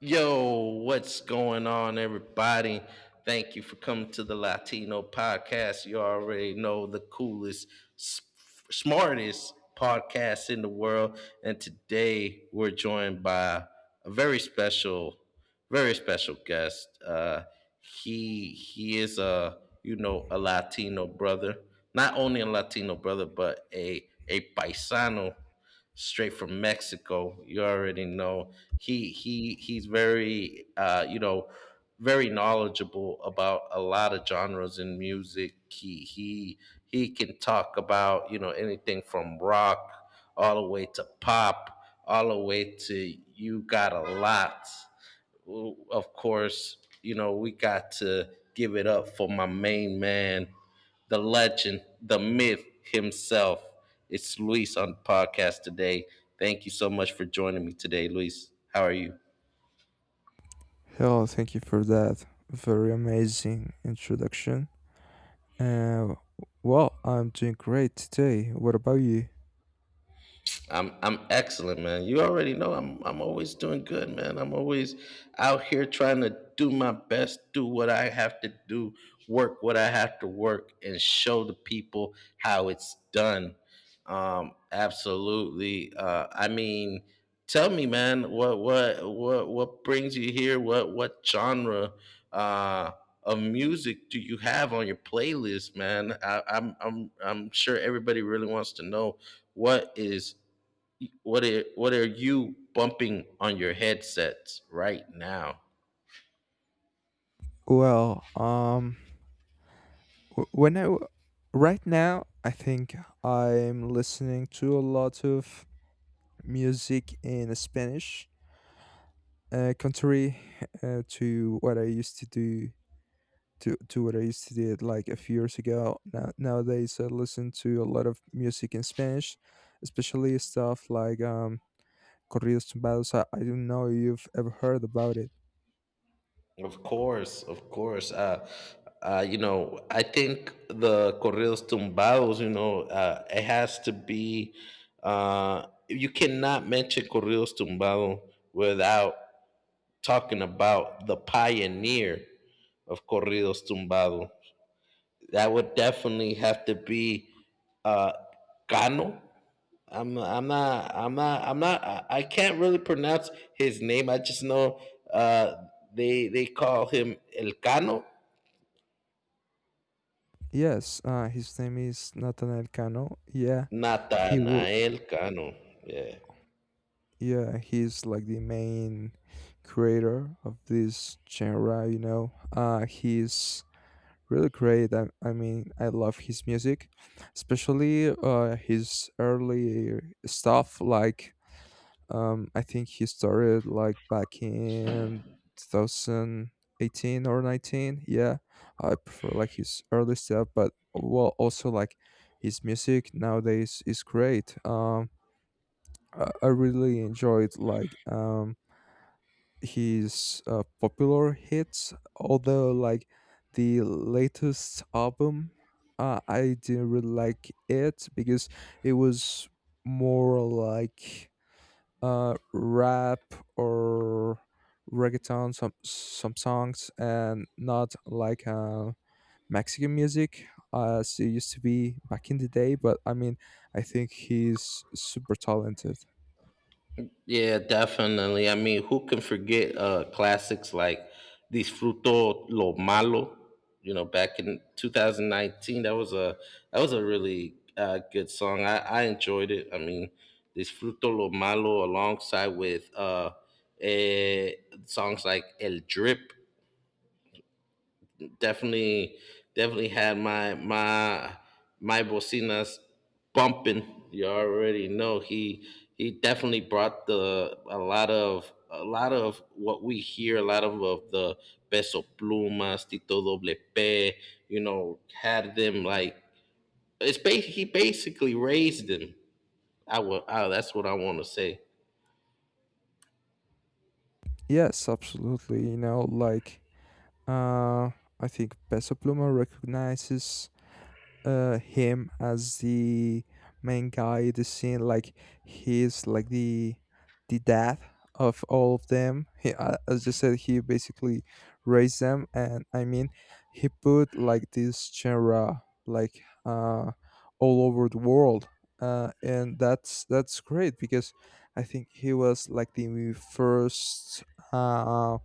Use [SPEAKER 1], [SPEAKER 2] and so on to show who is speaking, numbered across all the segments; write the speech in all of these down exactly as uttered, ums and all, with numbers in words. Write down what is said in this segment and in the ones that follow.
[SPEAKER 1] Yo, what's going on, everybody? Thank you for coming to the Latino podcast. You already know the coolest, s- smartest podcast in the world. And today we're joined by a very special, very special guest. Uh, he he is a you know a Latino brother, not only a Latino brother, but a a paisano straight from Mexico. You already know he he he's very uh, you know very knowledgeable about a lot of genres in music. He he he can talk about you know anything from rock all the way to pop all the way to you got a lot of course, you know, we got to give it up for my main man, the legend, the myth himself. It's Luis on the podcast today. Thank you so much for joining me today, Luis. How are you?
[SPEAKER 2] Hello, thank you for that very amazing introduction. Uh, well, I'm doing great today. What about you?
[SPEAKER 1] I'm I'm excellent, man. You already know I'm I'm always doing good, man. I'm always out here trying to do my best, do what I have to do, work what I have to work, and show the people how it's done. Um, absolutely. Uh, I mean, tell me, man, what what what what brings you here? What what genre uh, of music do you have on your playlist, man? I, I'm I'm I'm sure everybody really wants to know what is what are, what are you bumping on your headsets right now?
[SPEAKER 2] Well, um, w- when I w- right now, I think I'm listening to a lot of music in Spanish, uh, contrary uh, to what I used to do. To, to what I used to do like a few years ago. Now, nowadays, I listen to a lot of music in Spanish, especially stuff like um, corridos tumbados. I, I don't know if you've ever heard about it.
[SPEAKER 1] Of course, of course. Uh, uh, you know, I think the corridos tumbados. You know, uh, it has to be. Uh, you cannot mention corridos tumbado without talking about the pioneer of corridos tumbado. That would definitely have to be uh, Cano. I'm I'm not I'm not I'm not I I can't really pronounce his name. I just know uh they they call him El Cano,
[SPEAKER 2] Yes, uh, his name is Nathaniel Cano. Yeah, he would.
[SPEAKER 1] Nathanael Cano. Yeah.
[SPEAKER 2] Yeah, he's like the main creator of this genre. You know, uh, he's really great. I, I mean, I love his music, especially uh, his early stuff like, Um, I think he started like back in two thousand eighteen or nineteen. Yeah, I prefer like his early stuff, but well, also like his music nowadays is great. Um, I, I really enjoyed like um his uh, popular hits, although like the latest album. Uh, I didn't really like it because it was more like uh, rap or reggaeton, some some songs, and not like uh, Mexican music uh, as it used to be back in the day. But I mean, I think he's super talented.
[SPEAKER 1] Yeah, definitely. I mean, who can forget uh, classics like "Disfruto lo malo"? You know, back in two thousand nineteen, that was a that was a really uh, good song. I, I enjoyed it. I mean, "Disfruto lo malo" alongside with uh, eh, songs like "El Drip," definitely definitely had my my my bocinas bumping. You already know he he definitely brought the a lot of a lot of what we hear a lot of, of the peso plumas, Tito Doble P, you know, had them like it's ba- he basically raised them. I will I, that's what I want to say.
[SPEAKER 2] Yes, absolutely. You know, like uh, I think Peso Pluma recognizes uh him as the main guy in the scene, like he's like the the dad of all of them. He, uh, as you said, he basically raised them. And I mean, he put like this genre like uh all over the world, uh and that's that's great because I think he was like the first uh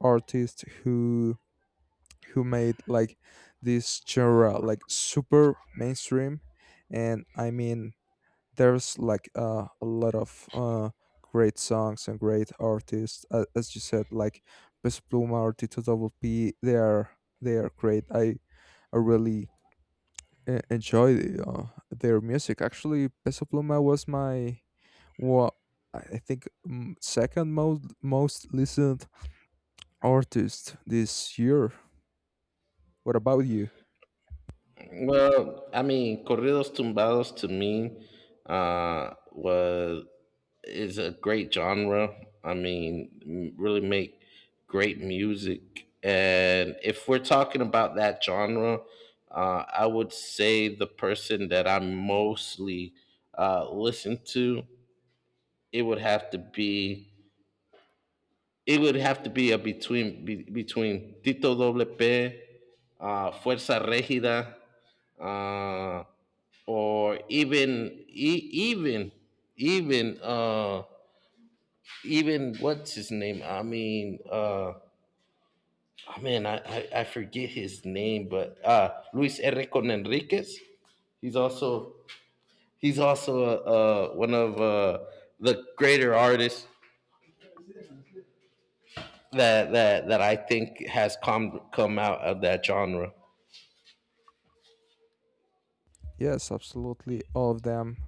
[SPEAKER 2] artist who who made like this genre like super mainstream. And I mean, there's like uh, a lot of uh, great songs and great artists, uh, as you said, like Best Pluma or Tito Double P. they are they are great. I i really uh, enjoy the, uh, their music. Actually, Peso Pluma was my what I I think mm, second most most listened artist this year. What about you?
[SPEAKER 1] Well, I mean, corridos tumbados to me uh, was is a great genre. I mean, m- really make great music. And if we're talking about that genre, uh, I would say the person that I mostly uh, listen to, it would have to be it would have to be a between be, between Tito Doble P, uh, Fuerza Regida, uh, or even e- even even uh, even what's his name? I mean, uh, I mean, I, I I forget his name, but uh, Luis R. Con Enriquez. He's also he's also uh, one of uh, the greater artists that that that I think has come come out of that genre.
[SPEAKER 2] Yes, absolutely. All of them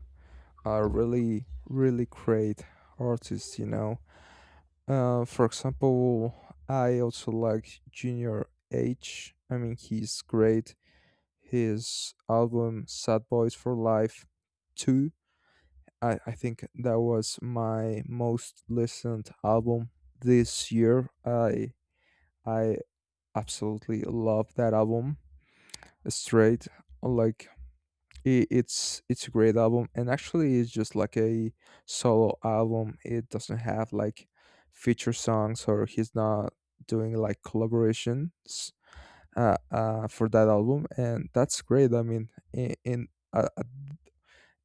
[SPEAKER 2] are really, really great artists, you know. Uh, for example, I also like Junior H. I mean, he's great. His album Sad Boys for Life two, I, I think that was my most listened album this year. I I absolutely love that album, straight. Like i- it's it's a great album, and actually it's just like a solo album. It doesn't have like feature songs, or he's not doing like collaborations uh, uh for that album, and that's great. I mean, in in, uh, uh,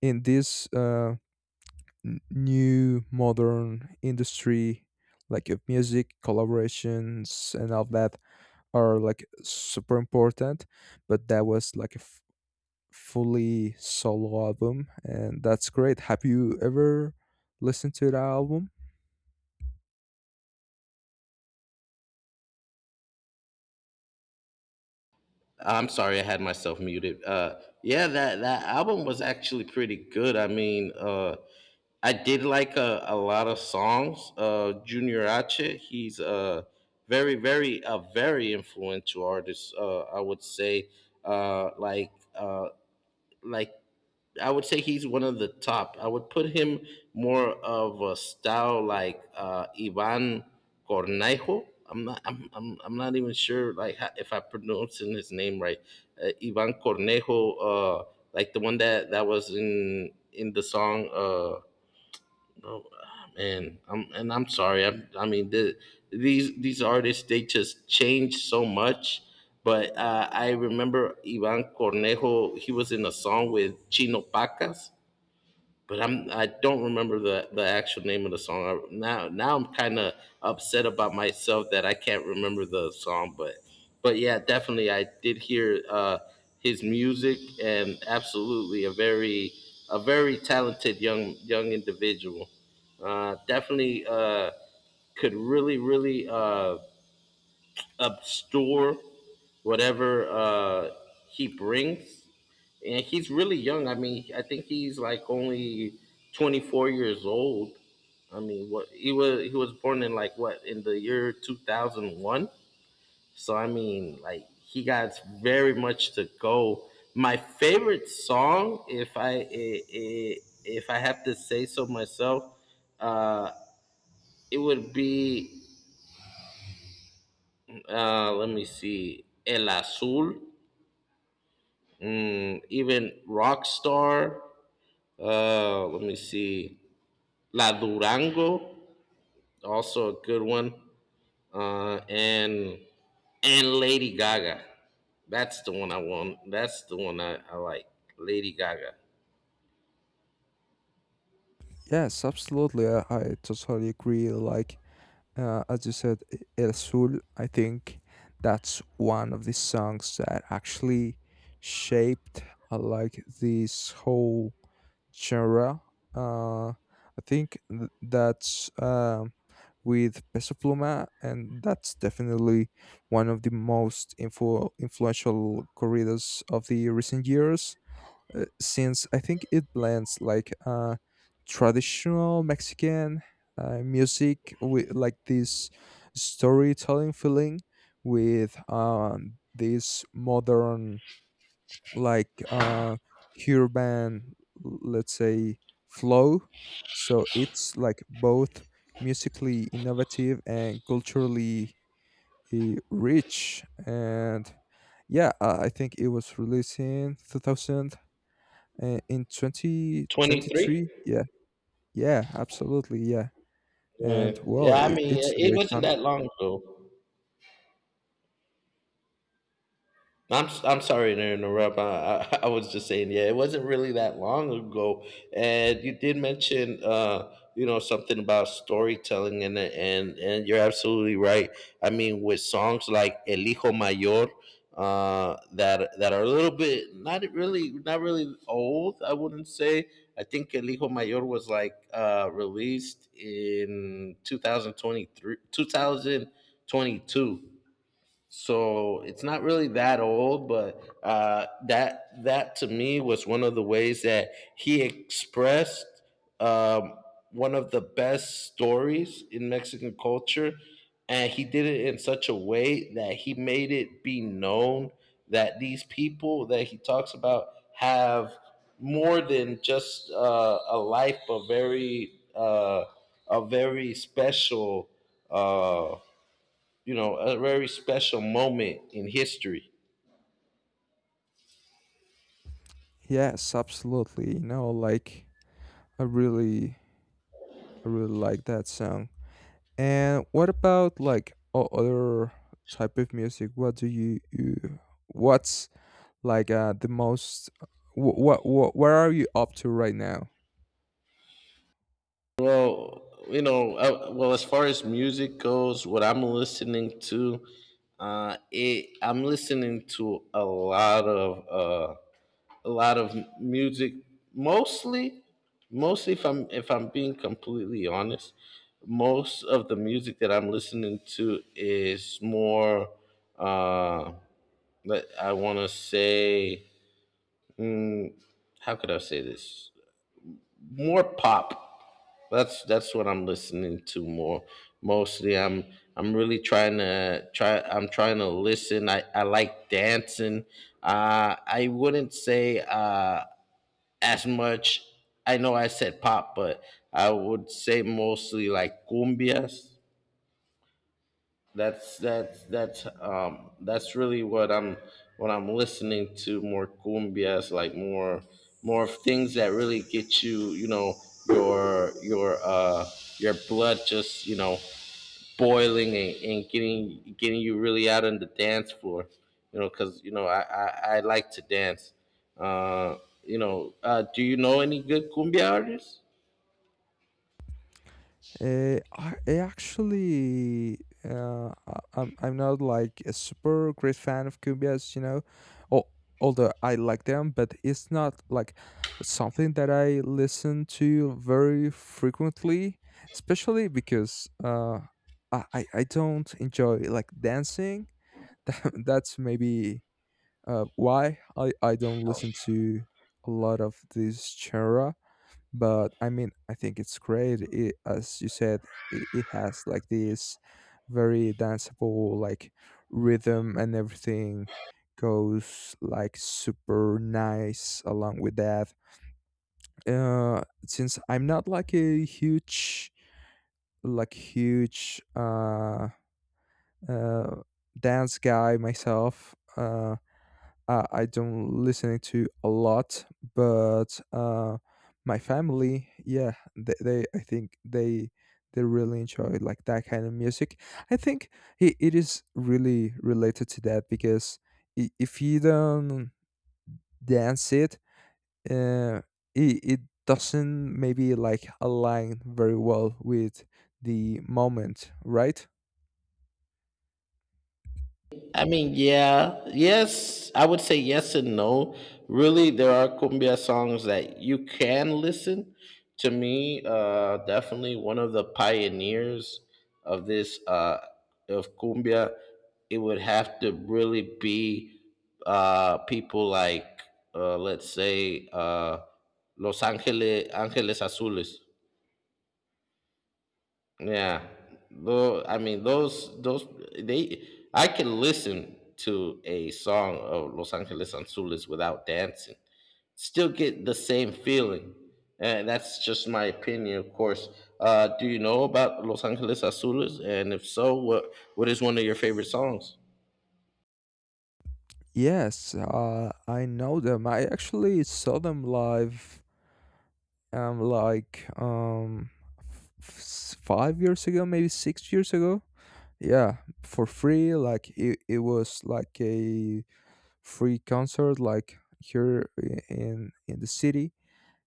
[SPEAKER 2] in this uh n- new modern industry, like of music, collaborations and all that are like super important. But that was like a fully solo album, and that's great. Have you ever listened to that album?
[SPEAKER 1] I'm sorry, I had myself muted. Uh, yeah, that that album was actually pretty good. I mean, uh, I did like a, a lot of songs. Uh, Junior Ache, he's a very, very, a very influential artist. Uh, I would say, uh, like, uh, like I would say he's one of the top. I would put him more of a style like uh, Ivan Cornejo. I'm not. I'm, I'm. I'm not even sure like how, if I pronouncing his name right. Uh, Ivan Cornejo, uh, like the one that that was in in the song. Uh, no, ah, Man, I'm and I'm sorry. I'm, I mean, the, these these artists they just change so much. But uh, I remember Ivan Cornejo. He was in a song with Chino Pacas, but I'm I don't remember the the actual name of the song. I, now Now I'm kind of upset about myself that I can't remember the song, but but yeah, definitely I did hear uh, his music, and absolutely a very a very talented young young individual. Uh, definitely uh, could really really uh, upstore whatever uh, he brings. And he's really young. I mean, I think he's like only twenty-four years old. I mean, what he was he was born in like what in the year two thousand one. So I mean, like he got very much to go. My favorite song, if I i- i- if I have to say so myself, uh, it would be uh, let me see, El Azul, mm, even Rockstar. Uh, let me see. La Durango, also a good one, uh, and and Lady Gaga. That's the one I want. That's the one I, I like. Lady Gaga.
[SPEAKER 2] Yes, absolutely. I, I totally agree. Like, uh, as you said, E- el sul, I think that's one of the songs that actually shaped, uh, like, this whole genre. uh, I think th- that's, um, with Peso Pluma, and that's definitely one of the most influ- influential corridos of the recent years. Uh, since I think it blends like uh, traditional Mexican uh, music with like this storytelling feeling, with um, this modern, like uh urban, let's say, flow. So it's like both musically innovative and culturally uh, rich. And yeah, uh, I think it was released in two thousand, uh, in
[SPEAKER 1] Twenty three.
[SPEAKER 2] twenty twenty-three. Yeah. Yeah, absolutely. Yeah.
[SPEAKER 1] Yeah,
[SPEAKER 2] And well,
[SPEAKER 1] yeah. I
[SPEAKER 2] it,
[SPEAKER 1] mean,
[SPEAKER 2] it's a
[SPEAKER 1] it
[SPEAKER 2] great
[SPEAKER 1] wasn't
[SPEAKER 2] song.
[SPEAKER 1] that long ago. I'm s- I'm sorry to interrupt. I, I I was just saying, yeah, it wasn't really that long ago, and you did mention, uh, you know, something about storytelling, and and and you're absolutely right. I mean, with songs like El Hijo Mayor, uh, that that are a little bit not really not really old, I wouldn't say. I think El Hijo Mayor was like uh, released in two thousand twenty-three, twenty twenty-two, so it's not really that old, but uh, that that to me was one of the ways that he expressed um, one of the best stories in Mexican culture, and he did it in such a way that he made it be known that these people that he talks about have more than just uh, a life, but very uh, a very special. Uh, you know, a very special moment in history.
[SPEAKER 2] Yes, absolutely. You know, like, i really i really like that song. And what about like o- other type of music? What do you, you what's like uh, the most what what what Where are you up to right now?
[SPEAKER 1] Well, you know, uh, well, as far as music goes, what I'm listening to, uh, it, I'm listening to a lot of uh, a lot of music, mostly, mostly if I'm if I'm being completely honest, most of the music that I'm listening to is more. Uh, let- I want to say, mm, how could I say this? More pop. That's that's what I'm listening to more. Mostly, I'm I'm really trying to try. I'm trying to listen. I I like dancing. Uh, I wouldn't say uh as much. I know I said pop, but I would say mostly like cumbias. That's that's that's um that's really what i'm what I'm listening to more, cumbias, like more more of things that really get you, you know, your your uh your blood just, you know, boiling, and, and getting getting you really out on the dance floor, you know. Because you know I, I I like to dance. uh you know uh do you know any good cumbia artists?
[SPEAKER 2] Uh, I I actually, uh, I- I'm I'm not like a super great fan of cumbias, you know. Al- Although I like them, but it's not like something that I listen to very frequently, especially because uh, I I I don't enjoy like dancing. That's maybe uh, why I I don't listen to a lot of this genre. But I mean, I think it's great. It, as you said, it, it has like this very danceable like rhythm, and everything goes like super nice along with that. Uh since I'm not like a huge like huge uh uh dance guy myself, uh uh, I don't listen it to a lot. But uh, my family, yeah, they, they I think they they really enjoy like that kind of music. I think it, it is really related to that, because i- if you don't dance it, uh, it it doesn't maybe like align very well with the moment, right?
[SPEAKER 1] I mean, yeah, yes, I would say yes and no. Really, there are cumbia songs that you can listen. To me, uh, definitely one of the pioneers of this uh, of cumbia, it would have to really be uh, people like, uh, let's say, uh, Los Angeles Angeles Azules. Yeah, though I mean those those they I can listen to a song of Los Angeles Azules without dancing, still get the same feeling, and that's just my opinion, of course. Uh, do you know about Los Angeles Azules? And if so, what what is one of your favorite songs?
[SPEAKER 2] Yes, uh, I know them. I actually saw them live, um like um f- five years ago, maybe six years ago. Yeah, for free. Like it, it was like a free concert, like here, i- in in the city.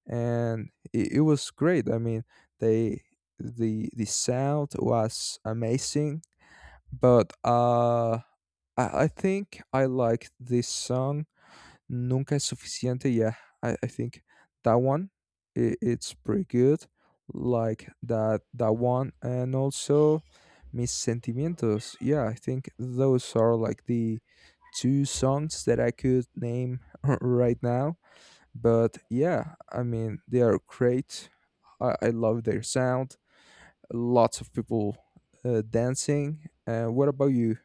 [SPEAKER 2] And it, it was great. I mean, they the the sound was amazing. But uh I, I think I like this song, Nunca es suficiente. Yeah, I, I think that one, I it's pretty good. Like that that one, and also Mis Sentimientos. Yeah, I think those are like the two songs that I could name right now. But yeah, I mean, they are great. I, I love their sound. Lots of people, uh, dancing. Uh, what about you?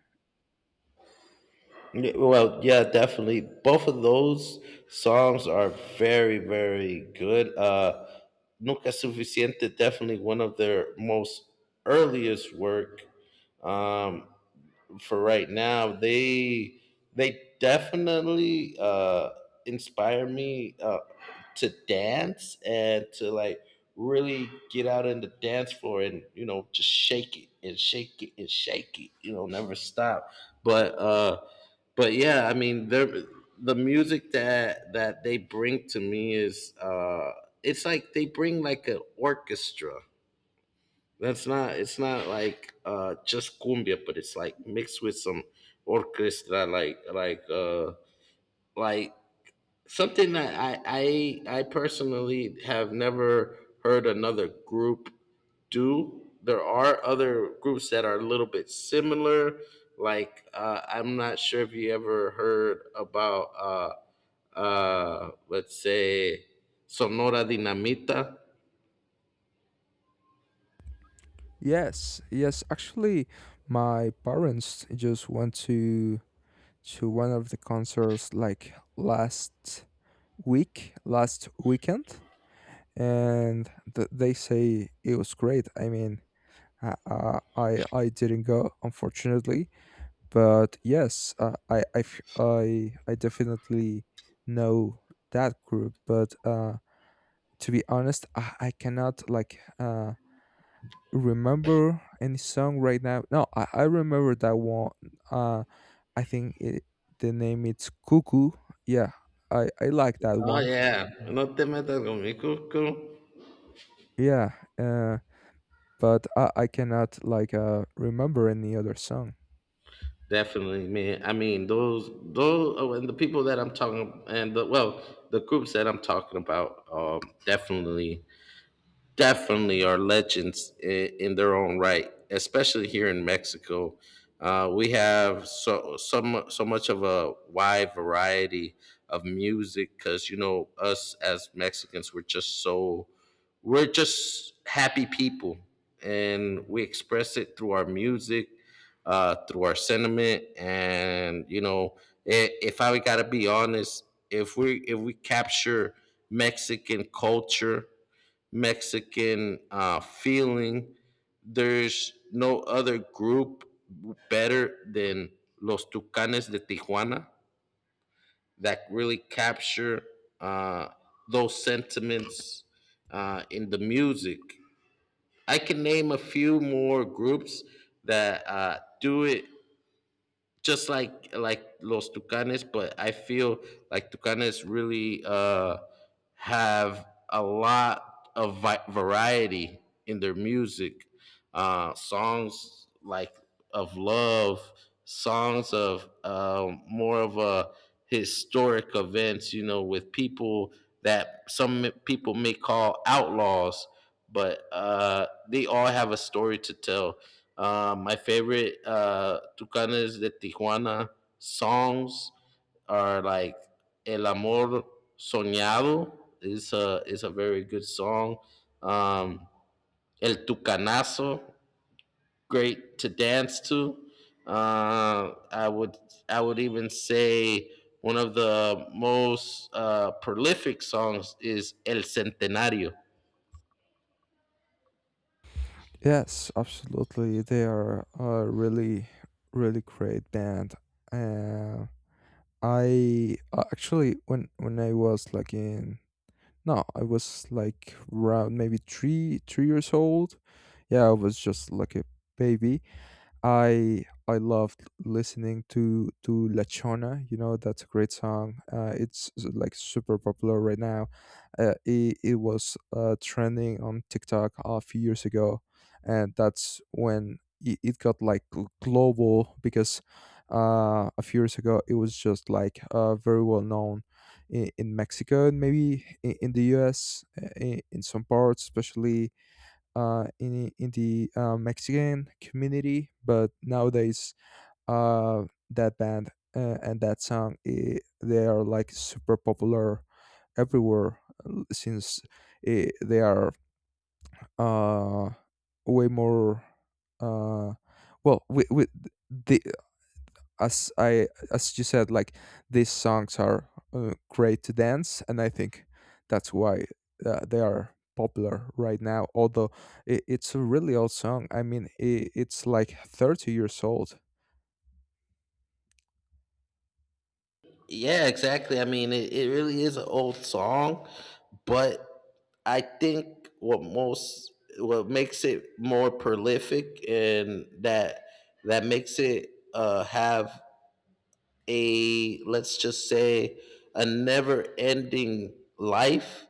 [SPEAKER 1] Yeah. Well, yeah, definitely. Both of those songs are very, very good. Uh, Nunca Suficiente, definitely one of their most earliest work. Um, for right now they they definitely uh inspire me uh to dance and to like really get out in the dance floor, and you know, just shake it and shake it and shake it, you know, never stop. But uh but yeah, I mean, they're the music that that they bring to me is uh it's like they bring like an orchestra. That's not. It's not like uh, just cumbia, but it's like mixed with some orchestra, like like uh, like something that I I I personally have never heard another group do. There are other groups that are a little bit similar. Like uh, I'm not sure if you ever heard about uh, uh, let's say, Sonora Dinamita.
[SPEAKER 2] Yes, yes. Actually, my parents just went to to one of the concerts like last week, last weekend. And th- they say it was great. I mean, uh, uh, I I didn't go, unfortunately. But yes, uh, I I f- I I definitely know that group. But uh, to be honest, I, I cannot like, uh, remember any song right now. No, I, I remember that one. Uh, I think it, the name, it's Cuckoo. Yeah, I, I like that
[SPEAKER 1] Oh
[SPEAKER 2] one.
[SPEAKER 1] yeah, no te metas con mi cucu.
[SPEAKER 2] Yeah, uh, but I, I cannot like, uh, remember any other song.
[SPEAKER 1] Definitely, man. I mean, those, those, oh, and the people that I'm talking, and the well, the groups that I'm talking about, um, definitely definitely are legends in, in their own right, especially here in Mexico. Uh, we have so so mu- so much of a wide variety of music, because you know us as Mexicans, we're just so we're just happy people, and we express it through our music, uh, through our sentiment, and you know, i- if I gotta be honest, if we if we capture Mexican culture, Mexican uh, feeling. There's no other group better than Los Tucanes de Tijuana that really capture uh, those sentiments uh, in the music. I can name a few more groups that uh, do it just like like Los Tucanes, but I feel like Tucanes really uh, have a lot of vi- variety in their music. Uh, songs like of love, songs of um more of a historic events, you know, with people that some people may call outlaws, but uh, they all have a story to tell. Uh, my favorite uh, Tucanes de Tijuana songs are like El Amor Soñado is a, is a very good song. Um, El Tucanazo, great to dance to. Uh, I would I would even say one of the most uh, prolific songs is El Centenario.
[SPEAKER 2] Yes, absolutely. They are a really, really great band. Uh, I uh, Actually, when when I was like in no, I was like around maybe three three years old. Yeah, I was just like a baby. I I loved listening to to Lachona. You know, that's a great song. Uh, it's s- like super popular right now. Uh, it it was uh, trending on TikTok a few years ago, and that's when it, it got like gl- global, because uh, a few years ago it was just like uh, very well known in, in Mexico, and maybe in, in the U S, uh, in, in some parts, especially uh, in in the uh, Mexican community. But nowadays, uh, that band, uh, and that song, eh, they are like super popular everywhere, uh, since eh, they are uh, way more, uh, well, we, we, they, as I as you said, like these songs are, uh, great to dance, and I think that's why uh, they are popular right now. Although it, it's a really old song. I mean, I it's like thirty years old.
[SPEAKER 1] Yeah, exactly. I mean, it, it really is an old song, but I think what most, what makes it more prolific and that that makes it uh, have, a, let's just say, a never ending life.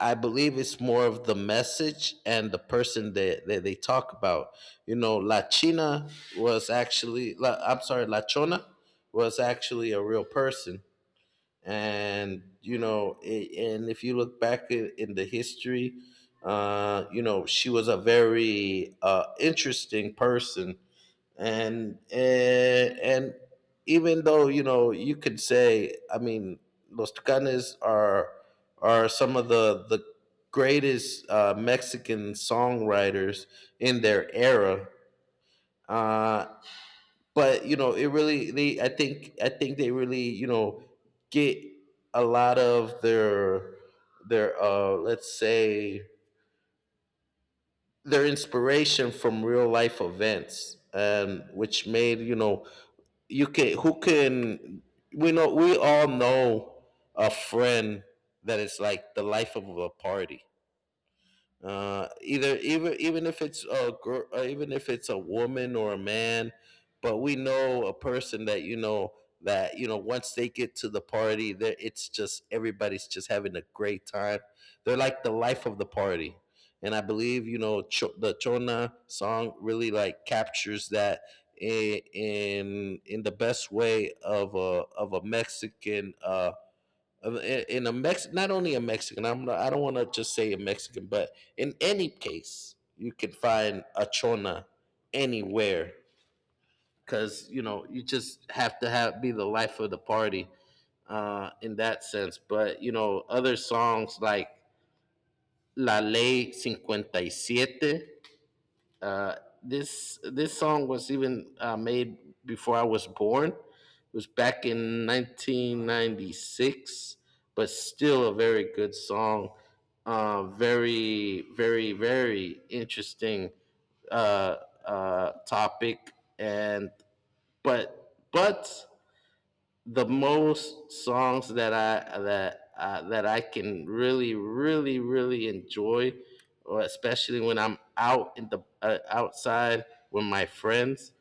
[SPEAKER 1] I believe it's more of the message and the person that, that they talk about. You know, La China was actually, La, I'm sorry, La Chona was actually a real person, and you know it, and if you look back in, in the history, uh you know, she was a very uh interesting person, and and, and even though, you know, you could say, I mean, Los Tucanes are are some of the the greatest uh Mexican songwriters in their era, uh but you know, it really, they I think I think they really, you know, get a lot of their their uh let's say, their inspiration from real life events, and which made, you know, you can who can, we know we all know a friend that is like the life of a party, uh, either even even if it's a girl, uh, even if it's a woman or a man, but we know a person that, you know, that you know, once they get to the party, there, it's just everybody's just having a great time. They're like the life of the party, and I believe, you know, Cho- the Chona song really like captures that in in in the best way of a of a Mexican uh, uh, in a Mex, not only a Mexican. I'm not, I don't want to just say a Mexican, but in any case, you can find a chona anywhere, because, you know, you just have to have be the life of the party uh, in that sense. But you know, other songs like La Ley fifty seven, uh, this this song was even uh, made before I was born. It was back in nineteen ninety-six, but still a very good song. Uh, very very very interesting uh, uh, topic, and but but the most songs that I that uh, that I can really really really enjoy, or especially when I'm out in the, uh, outside with my friends,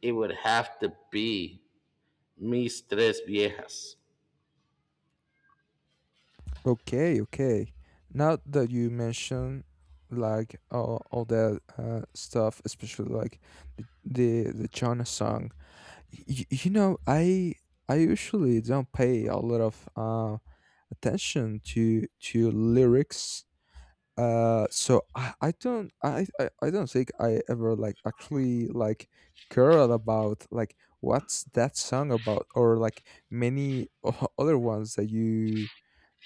[SPEAKER 1] it would have to be Mis Tres Viejas.
[SPEAKER 2] Okay, okay. Now that you mention like all, all that uh, stuff, especially like the the China song, y- you know, I I usually don't pay a lot of uh, attention to to lyrics. Uh, so I, I don't I, I I don't think I ever like actually like cared about like what's that song about, or like many o- other ones that you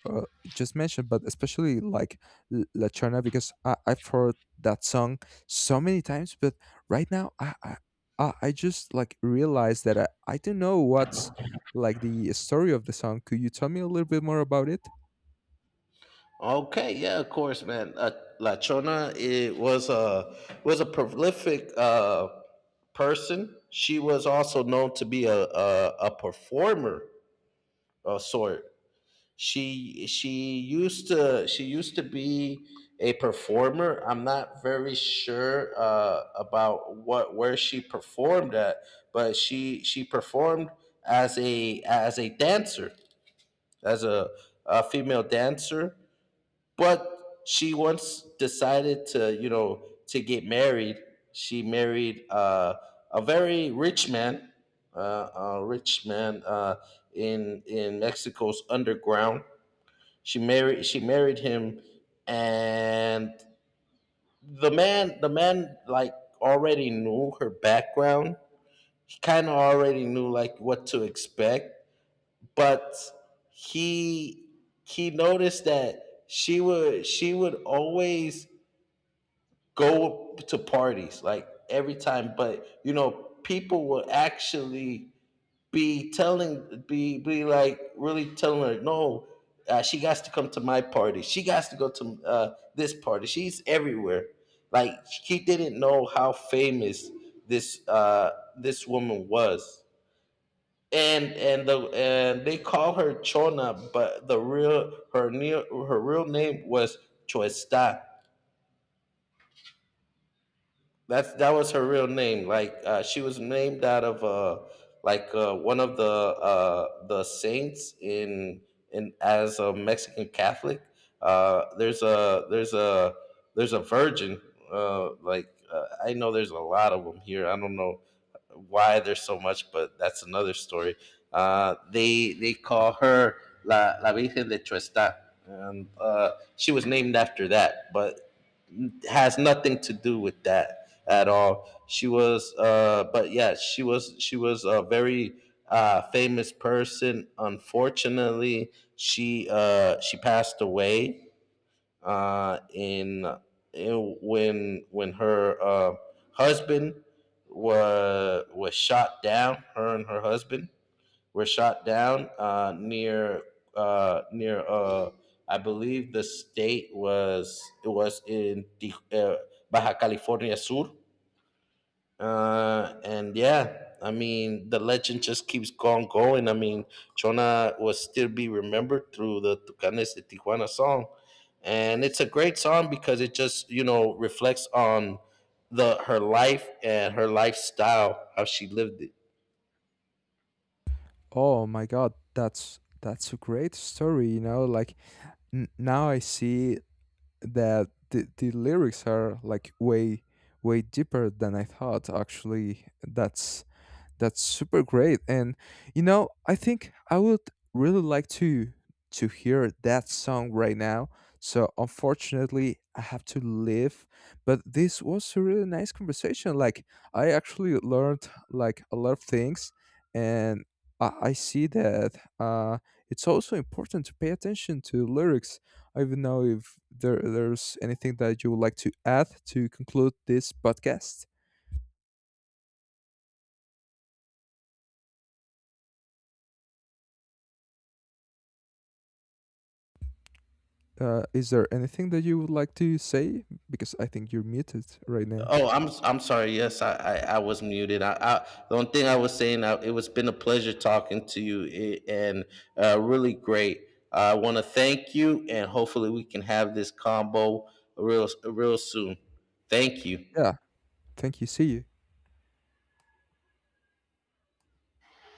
[SPEAKER 2] uh, just mentioned, but especially like L- La Chona, because I, I've heard that song so many times. But right now, I I, I I just like realized that I, I don't know what's like the story of the song. Could you tell me a little bit more about it?
[SPEAKER 1] Okay, yeah, of course, man. Uh, La Chona, it was a, was a prolific uh, person. She was also known to be a a, a performer of sort. She she used to she used to be a performer. I'm not very sure uh, about what where she performed at, but she she performed as a, as a dancer, as a, a female dancer. But she once decided to, you know, to get married. She married uh, a very rich man, uh, a rich man uh, in in Mexico's underground. She married she married him, and the man the man like, already knew her background. He kind of already knew like what to expect, but he he noticed that she would, she would always go to parties like every time, but you know, people will actually be telling, be be like really telling her, no, uh, she got to come to my party, she got to go to, uh, this party, she's everywhere. Like, he didn't know how famous this, uh, this woman was. and and the and they call her Chona, but the real her near her real name was Choesta. That's, that was her real name. Like, uh, she was named out of, uh, like uh, one of the, uh, the saints in in as a Mexican Catholic. Uh, there's a there's a there's a virgin. Uh, like uh, I know there's a lot of them here. I don't know why there's so much, but that's another story. Uh, they they call her La La Virgen de Chuesta, and uh, she was named after that. But has nothing to do with that at all. She was, uh, but yeah, she was, she was a very uh, famous person. Unfortunately, she uh, she passed away uh, in, in when when her uh, husband was was shot down. Her and her husband were shot down uh, near, uh, near uh, I believe the state was, it was in Ti- uh, Baja California Sur. Uh, and yeah, I mean, the legend just keeps going, going. I mean, Chona will still be remembered through the Tucanes de Tijuana song, and it's a great song because it just, you know, reflects on the her life and her lifestyle, how she lived it.
[SPEAKER 2] Oh my god, that's that's a great story. You know, like n- now I see that the, the lyrics are like way way deeper than I thought. Actually, that's that's super great. And you know, I think I would really like to to hear that song right now. So unfortunately, I have to leave. But this was a really nice conversation. Like, I actually learned like a lot of things, and I, I see that uh, it's also important to pay attention to lyrics. I don't know if there there's anything that you would like to add to conclude this podcast. Uh, is there anything that you would like to say? Because I think you're muted right now.
[SPEAKER 1] Oh, I'm I'm sorry. Yes, I I, I was muted. I, I The only thing I was saying, I, it was been a pleasure talking to you, i- and uh, really great. I want to thank you, and hopefully we can have this combo real real soon. Thank you.
[SPEAKER 2] Yeah. Thank you. See you.